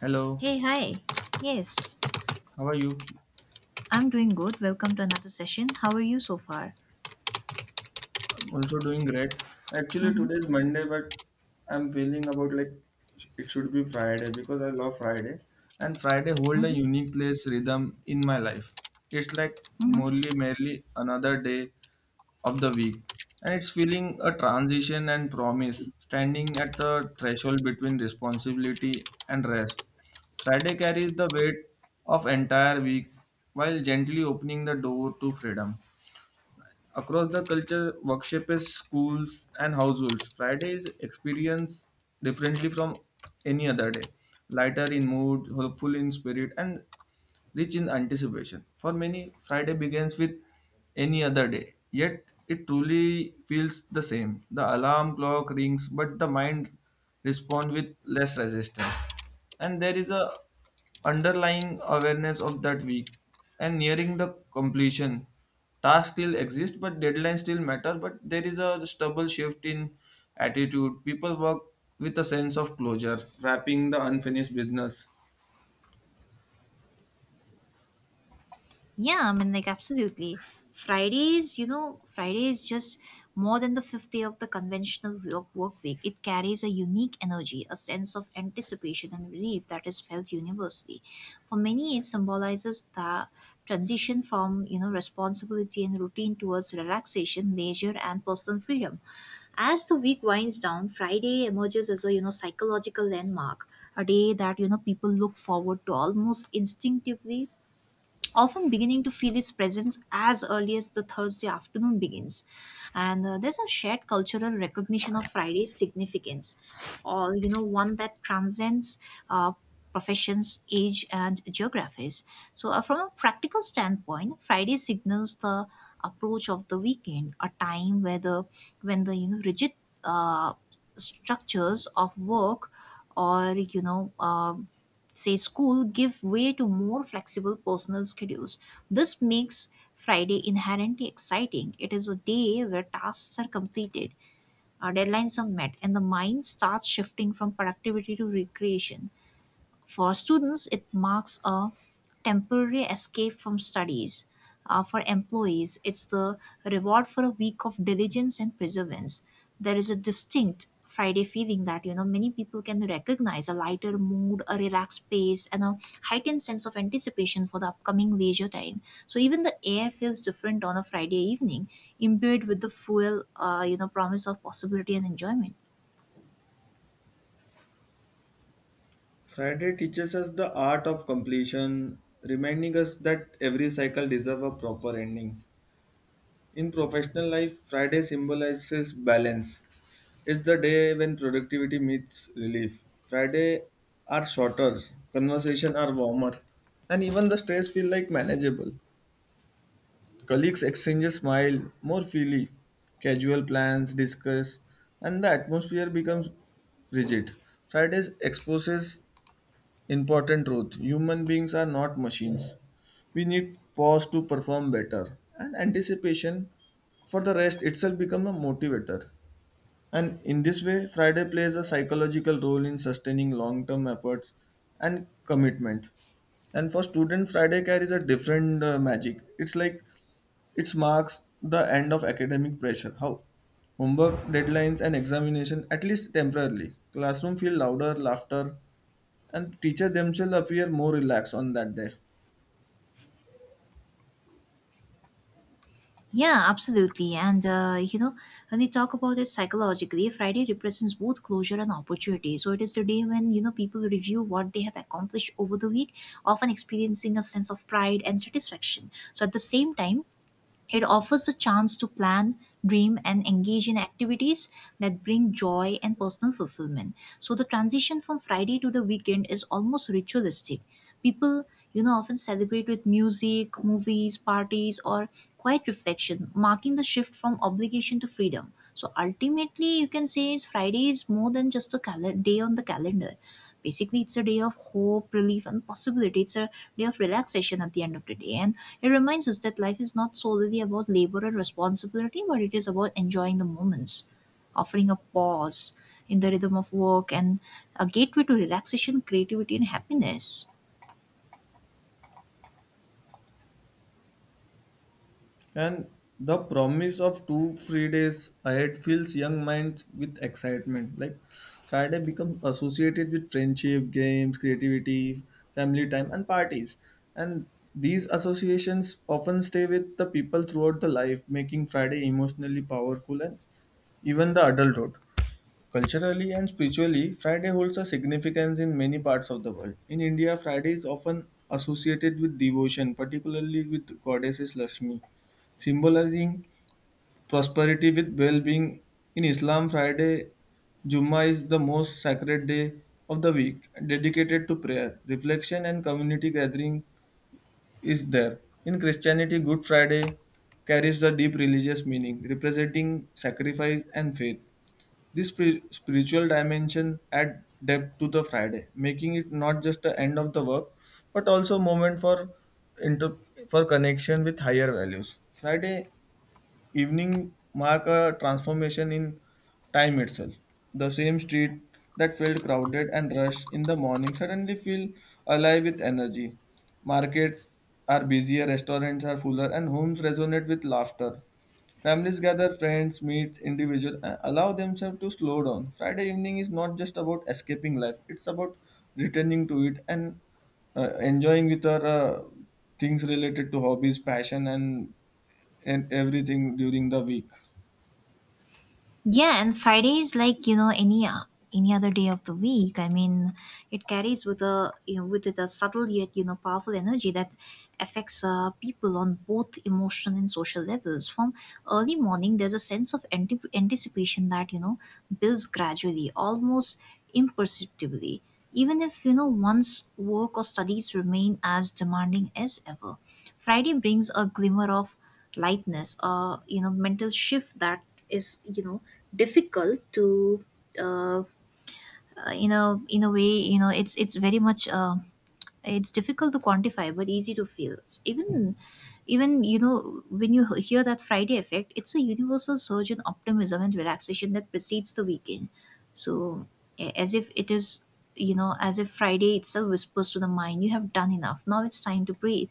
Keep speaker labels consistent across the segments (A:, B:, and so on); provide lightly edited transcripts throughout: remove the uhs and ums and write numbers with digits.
A: Hello,
B: Hey, hi. Yes,
A: how are you?
B: I'm doing good. Welcome to another session. How are you so far?
A: I'm also doing great. Actually,
B: Mm-hmm.
A: today is Monday, but I'm feeling about like it should be Friday because I love Friday, and Friday hold a
B: Mm-hmm.
A: unique place rhythm in my life. It's like
B: Mm-hmm.
A: merely another day of the week, and it's feeling a transition and promise, standing at the threshold between responsibility and rest. Friday carries the weight of entire week while gently opening the door to freedom. Across the culture, workshops, schools, and households, Fridays experience differently from any other day. Lighter in mood, hopeful in spirit, and rich in anticipation. For many, Friday begins with any other day, yet it truly feels the same. The alarm clock rings, but the mind responds with less resistance. And there is a underlying awareness of that week and nearing the completion tasks still exist but deadlines still matter but there is a stubble shift in attitude people work with a sense of closure wrapping the unfinished business.
B: Yeah, I mean, like, absolutely. Fridays, Friday is just more than the fifth day of the conventional work week. It carries a unique energy, a sense of anticipation and relief that is felt universally. For many, it symbolizes the transition from, responsibility and routine towards relaxation, leisure, and personal freedom. As the week winds down, Friday emerges as a, psychological landmark, a day that, people look forward to almost instinctively, often beginning to feel his presence as early as the Thursday afternoon begins. And there's a shared cultural recognition of Friday's significance, or one that transcends uh, professions, age, and geographies. So, from a practical standpoint, Friday signals the approach of the weekend, a time where the when the rigid uh, structures of work or say school give way to more flexible personal schedules. This makes Friday inherently exciting. It is a day where tasks are completed, our deadlines are met, and the mind starts shifting from productivity to recreation. For students, it marks a temporary escape from studies. For employees, it's the reward for a week of diligence and perseverance. There is a distinct Friday feeling that many people can recognize: a lighter mood, a relaxed pace, and a heightened sense of anticipation for the upcoming leisure time. So even the air feels different on a Friday evening, imbued with the fuel, promise of possibility and enjoyment.
A: Friday teaches us the art of completion, reminding us that every cycle deserves a proper ending. In professional life, Friday symbolizes balance. It's the day when productivity meets relief. Friday are shorter, conversation are warmer, and even the stress feel like manageable. Colleagues exchange smile more freely, casual plans discuss, and the atmosphere becomes rigid. Fridays exposes important truth. Human beings are not machines. We need pause to perform better, and anticipation for the rest itself becomes a motivator. And in this way, Friday plays a psychological role in sustaining long term efforts and commitment. And for student, Friday carries a different magic. It's like it marks the end of academic pressure. How? Homework, deadlines, and examination, at least temporarily. Classroom feel louder, laughter, and teacher themselves appear more relaxed on that day.
B: Yeah, absolutely. And when we talk about it psychologically, Friday represents both closure and opportunity. So it is the day when, people review what they have accomplished over the week, often experiencing a sense of pride and satisfaction. So at the same time, it offers the chance to plan, dream, and engage in activities that bring joy and personal fulfillment. So the transition from Friday to the weekend is almost ritualistic. People, often celebrate with music, movies, parties, or quiet reflection, marking the shift from obligation to freedom. So ultimately, you can say is Friday is more than just a day on the calendar. Basically, it's a day of hope, relief, and possibility. It's a day of relaxation at the end of the day. And it reminds us that life is not solely about labor and responsibility, but it is about enjoying the moments, offering a pause in the rhythm of work, and a gateway to relaxation, creativity, and happiness.
A: And the promise of two free days ahead fills young minds with excitement. Like Friday becomes associated with friendship, games, creativity, family time, and parties. And these associations often stay with the people throughout the life, making Friday emotionally powerful and even the adulthood. Culturally and spiritually, Friday holds a significance in many parts of the world. In India, Friday is often associated with devotion, particularly with goddesses Lakshmi, symbolizing prosperity with well-being. In Islam, Friday Jummah is the most sacred day of the week, dedicated to prayer, reflection, and community gathering is there. In Christianity, Good Friday carries a deep religious meaning, representing sacrifice and faith. This spiritual dimension add depth to the Friday, making it not just the end of the work, but also moment for inter- for connection with higher values. Friday evening mark a transformation in time itself. The same street that felt crowded and rushed in the morning suddenly feel alive with energy. Markets are busier, restaurants are fuller, and homes resonate with laughter. Families gather, friends meet, individuals allow themselves to slow down. Friday evening is not just about escaping life; it's about returning to it and enjoying with our things related to hobbies, passion, and everything during the week.
B: Yeah, and Friday is like any other day of the week. I mean, it carries with it a subtle, yet powerful energy that affects people on both emotional and social levels. From early morning, there's a sense of anticipation that builds gradually, almost imperceptibly, even if one's work or studies remain as demanding as ever. Friday brings a glimmer of lightness, a mental shift that is difficult to, uh, in a way, it's very much, it's difficult to quantify but easy to feel. Even even when you hear that Friday effect, it's a universal surge in optimism and relaxation that precedes the weekend. So a- as if it is you know as if Friday itself whispers to the mind, you have done enough. Now it's time to breathe.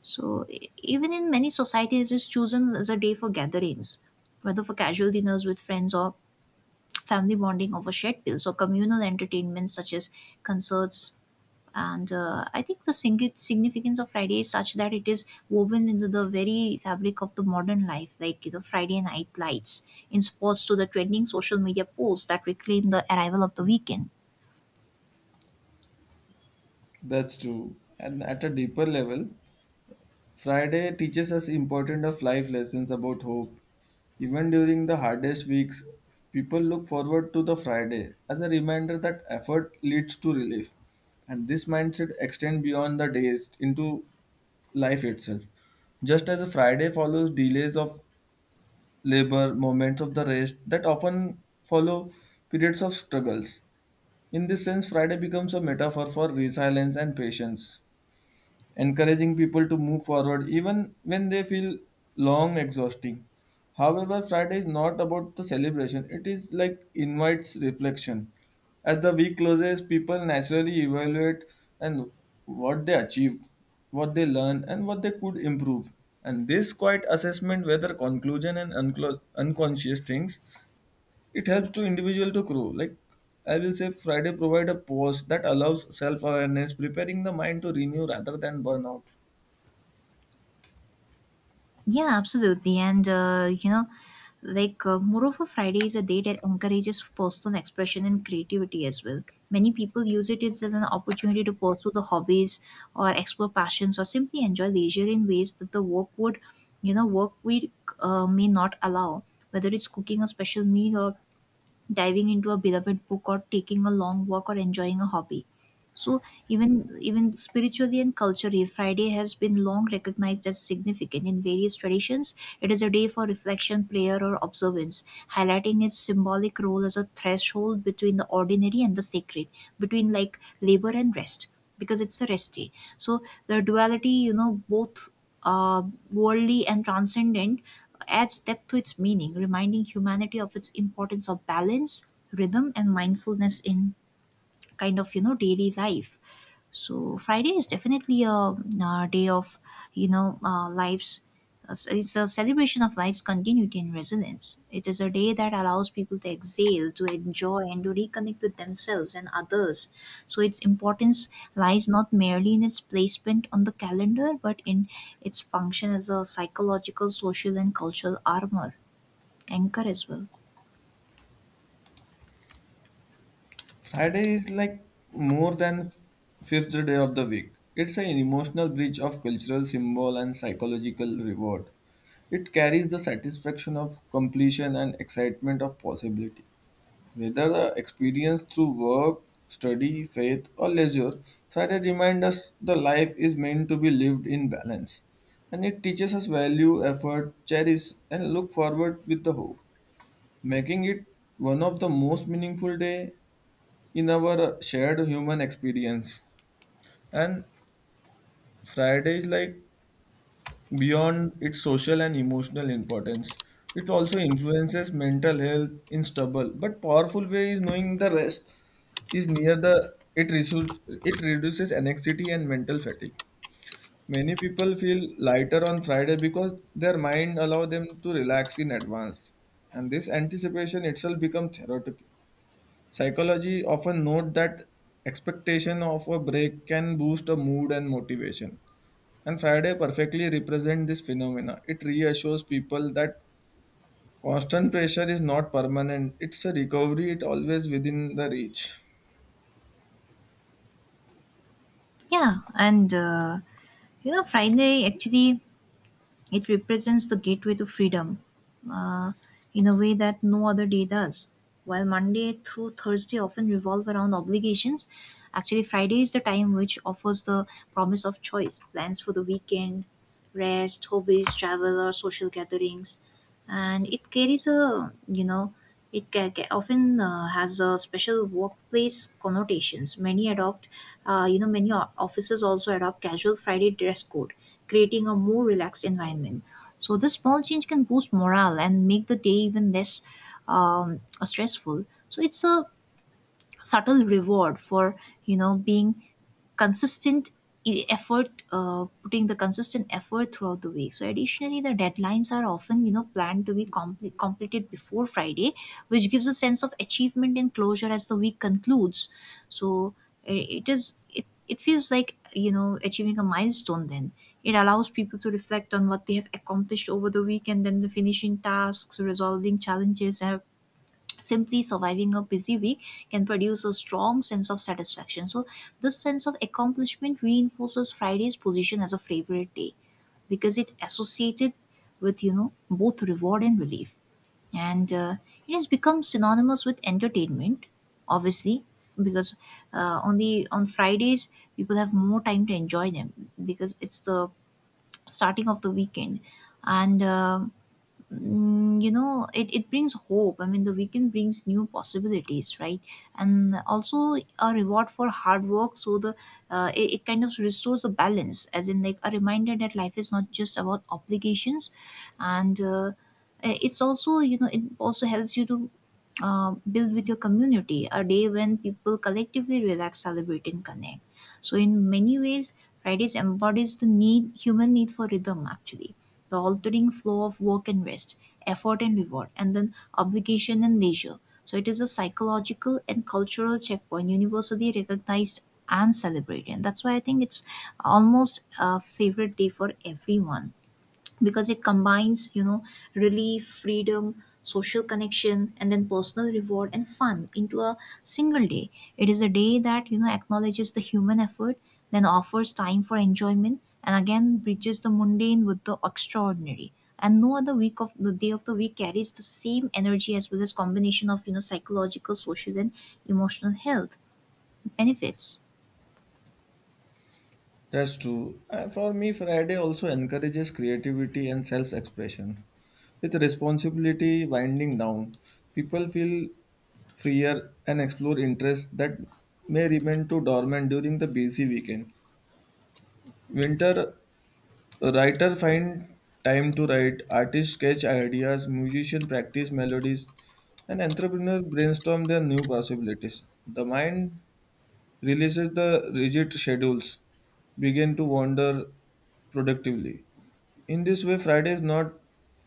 B: So, even in many societies, it's chosen as a day for gatherings, whether for casual dinners with friends or family bonding over shared bills or communal entertainments such as concerts. And I think the significance of Friday is such that it is woven into the very fabric of the modern life, like, Friday night lights in sports to the trending social media posts that reclaim the arrival of the weekend.
A: That's true. And at a deeper level, Friday teaches us important of life lessons about hope. Even during the hardest weeks, people look forward to the Friday as a reminder that effort leads to relief. And this mindset extends beyond the days into life itself. Just as a Friday follows delays of labor, moments of the rest that often follow periods of struggles. In this sense, Friday becomes a metaphor for resilience and patience, encouraging people to move forward even when they feel long exhausting. However, Friday is not about the celebration, it is like invites reflection. As the week closes, people naturally evaluate and what they achieved, what they learned, and what they could improve. And this quiet assessment, whether conclusion and unconscious things, it helps to individual to grow like I will say Friday provide a pause that allows self-awareness preparing the mind to renew rather than burnout.
B: Yeah, absolutely. And, like, moreover, Friday is a day that encourages personal expression and creativity as well. Many people use it as an opportunity to pursue the hobbies or explore passions or simply enjoy leisure in ways that the work would, you know, work week may not allow. Whether it's cooking a special meal, or diving into a beloved book, or taking a long walk, or enjoying a hobby. So even spiritually and culturally, Friday has been long recognized as significant in various traditions. It is a day for reflection, prayer, or observance, highlighting its symbolic role as a threshold between the ordinary and the sacred, between like labor and rest, because it's a rest day. So the duality, both uh, worldly and transcendent, adds depth to its meaning, reminding humanity of its importance of balance, rhythm, and mindfulness in kind of daily life. So Friday is definitely a day of lives. It's a celebration of life's continuity and resilience. It is a day that allows people to exhale, to enjoy, and to reconnect with themselves and others. So its importance lies not merely in its placement on the calendar, but in its function as a psychological, social, and cultural armor anchor as well.
A: Friday is like more than fifth day of the week. It's an emotional bridge of cultural symbol and psychological reward. It carries the satisfaction of completion and excitement of possibility. Whether the experience through work, study, faith, or leisure, Friday reminds us the life is meant to be lived in balance. And it teaches us value, effort, cherish, and look forward with the hope, making it one of the most meaningful day in our shared human experience. And Friday is like beyond its social and emotional importance. It also influences mental health in stubble, but powerful way is knowing the rest is near the it reduces anxiety and mental fatigue. Many people feel lighter on Friday because their mind allow them to relax in advance, and this anticipation itself becomes therapeutic. Psychology often note that expectation of a break can boost a mood and motivation, and Friday perfectly represent this phenomena. It reassures people that constant pressure is not permanent; it's a recovery. It always within the reach.
B: Yeah, and Friday actually, it represents the gateway to freedom uh, in a way that no other day does. While Monday through Thursday often revolve around obligations, actually, Friday is the time which offers the promise of choice, plans for the weekend, rest, hobbies, travel, or social gatherings. And it carries a, you know, it often has a special workplace connotations. Many offices also adopt casual Friday dress code, creating a more relaxed environment. So this small change can boost morale and make the day even less stressful. So it's a subtle reward for being consistent e- effort putting the consistent effort throughout the week. So additionally, the deadlines are often planned to be completed before Friday, which gives a sense of achievement and closure as the week concludes. So it feels like achieving a milestone. Then it allows people to reflect on what they have accomplished over the week, and then the finishing tasks, resolving challenges, and simply surviving a busy week can produce a strong sense of satisfaction. So this sense of accomplishment reinforces Friday's position as a favorite day because it associated with both reward and relief, and it has become synonymous with entertainment. Obviously, because on Fridays people have more time to enjoy them because it's the starting of the weekend, and it brings hope. I mean, the weekend brings new possibilities, right? And also a reward for hard work. So the it kind of restores a balance, as in like a reminder that life is not just about obligations, and it also helps you to build with your community, a day when people collectively relax, celebrate, and connect. So in many ways, Fridays embodies the need human need for rhythm, actually, the altering flow of work and rest, effort and reward, and then obligation and leisure. So it is a psychological and cultural checkpoint, universally recognized and celebrated. And that's why I think it's almost a favorite day for everyone, because it combines relief, freedom, social connection, and then personal reward and fun into a single day. It is a day that acknowledges the human effort, then offers time for enjoyment, and again bridges the mundane with the extraordinary. And no other week of the day of the week carries the same energy, as well as combination of psychological, social, and emotional health benefits.
A: That's true. And for me, Friday also encourages creativity and self expression. With responsibility winding down, people feel freer and explore interests that may remain too dormant during the busy weekend. Winter writer find time to write, artists sketch ideas, musician practice melodies, and entrepreneurs brainstorm their new possibilities. The mind releases the rigid schedules begin to wander productively. In this way, Friday is not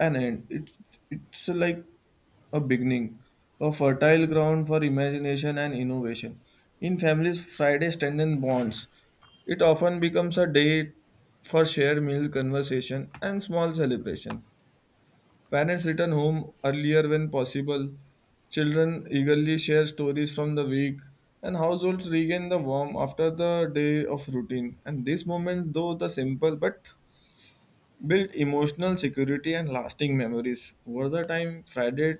A: an end. It's like a beginning, a fertile ground for imagination and innovation. In families, Friday strengthens bonds. It often becomes a day for shared meal, conversation, and small celebration. Parents return home earlier when possible. Children eagerly share stories from the week, and households regain the warmth after the day of routine. And these moments, though the simple, but build emotional security and lasting memories. Over the time, Friday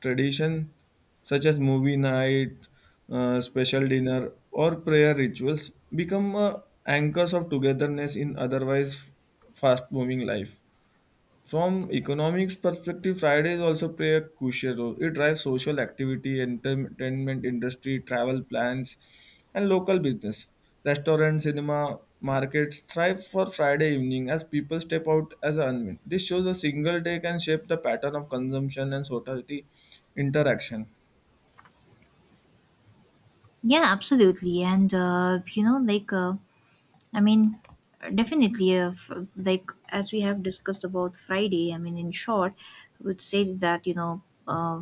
A: tradition such as movie night, special dinner, or prayer rituals become anchors of togetherness in otherwise fast-moving life. From economics perspective, Fridays also play a crucial role. It drives social activity, entertainment industry, travel plans, and local business. Restaurants, cinema, markets thrive for Friday evening as people step out as a unwind. This shows a single day can shape the pattern of consumption and society interaction.
B: Yeah, absolutely. And like, I mean, definitely, like, as we have discussed about Friday, I mean, in short, I would say that,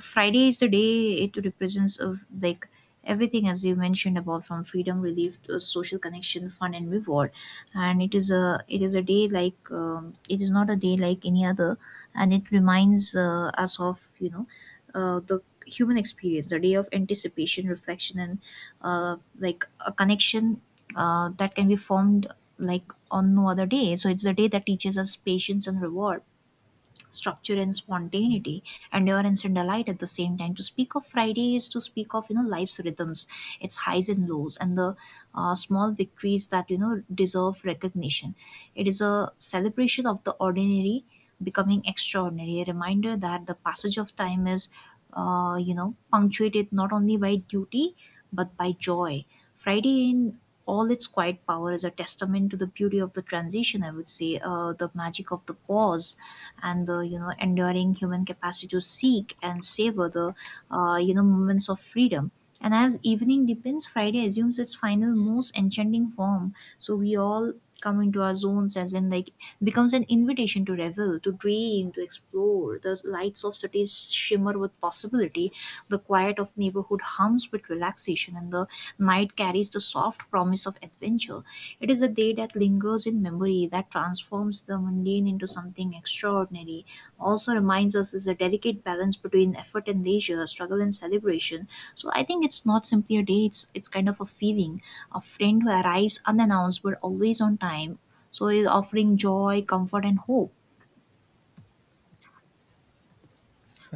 B: Friday is the day it represents of like everything, as you mentioned, about from freedom, relief, to social connection, fun, and reward. And it is a day like, it is not a day like any other. And it reminds us of the human experience, the day of anticipation, reflection, and like a connection that can be formed, like, on no other day. So it's a day that teaches us patience and reward, structure and spontaneity, and endurance and delight at the same time. To speak of Friday is to speak of life's rhythms, its highs and lows, and the small victories that deserve recognition. It is a celebration of the ordinary becoming extraordinary, a reminder that the passage of time is punctuated not only by duty but by joy. Friday, in all its quiet power, is a testament to the beauty of the transition, I would say, the magic of the pause, and the enduring human capacity to seek and savor the moments of freedom. And as evening deepens, Friday assumes its final, most enchanting form. So we all come into our zones, as in like becomes an invitation to revel, to dream, to explore. The lights of cities shimmer with possibility. The quiet of neighborhood hums with relaxation, and the night carries the soft promise of adventure. It is a day that lingers in memory, that transforms the mundane into something extraordinary. Also reminds us there's a delicate balance between effort and leisure, struggle and celebration. So I think it's not simply a day, it's kind of a feeling. A friend who arrives unannounced but always on time. So is offering joy, comfort, and hope.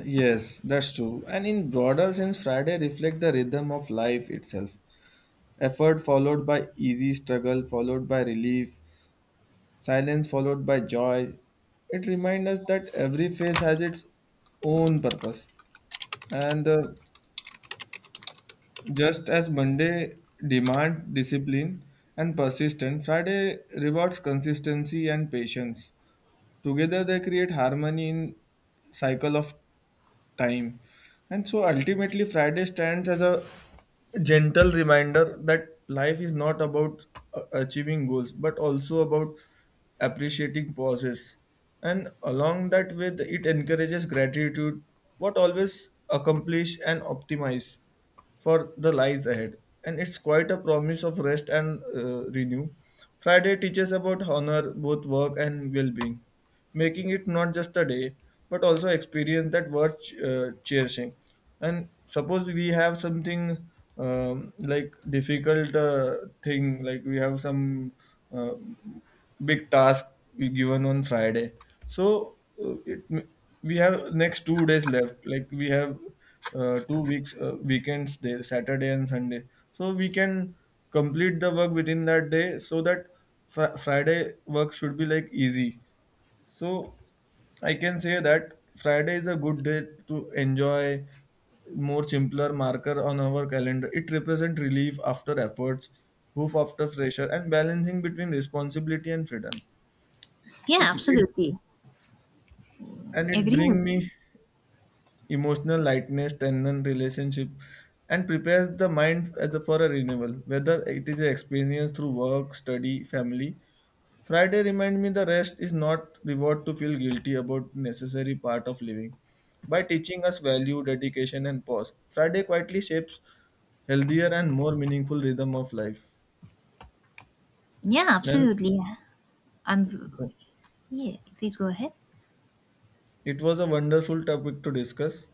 A: Yes, that's true. And in broader sense, Friday reflect the rhythm of life itself. Effort followed by easy struggle, followed by relief, silence followed by joy. It reminds us that every phase has its own purpose. And just as Monday demand discipline and persistence, Friday rewards consistency and patience. Together they create harmony in cycle of time. And so ultimately, Friday stands as a gentle reminder that life is not about achieving goals, but also about appreciating pauses. And along that with it encourages gratitude, what always accomplish and optimize for the lies ahead. And it's quite a promise of rest and renew. Friday teaches about honor, both work and well being, making it not just a day but also experience that worth cherishing. And suppose we have something like difficult thing like we have some uh, big task we given on Friday, so it we have next 2 days left, like we have 2 weeks weekends there, Saturday and Sunday, so we can complete the work within that day so that Friday work should be like easy. So I can say that Friday is a good day to enjoy more simpler marker on our calendar. It represents relief after efforts, hope after pressure, and balancing between responsibility and freedom.
B: Yeah,
A: It, it
B: absolutely.
A: it
B: Agree with.
A: bring me emotional lightness, strengthen relationship, and prepares the mind as a, for a renewal. Whether it is an experience through work, study, family, Friday remind me the rest is not reward to feel guilty about necessary part of living. By teaching us value, dedication and pause, Friday quietly shapes healthier and more meaningful rhythm of life.
B: Yeah,
A: And
B: absolutely. And yeah, please go ahead.
A: it was a wonderful topic to discuss.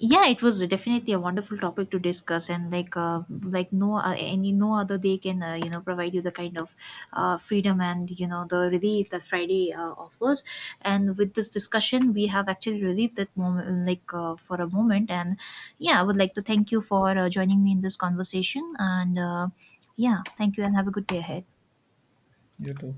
B: Yeah, it was definitely a wonderful topic to discuss. And like, like no other day can provide you the kind of freedom, and the relief that Friday offers. And with this discussion, we have actually relieved that moment, like, for a moment. And yeah, I would like to thank you for joining me in this conversation. And yeah, thank you, and have a good day ahead.
A: You too.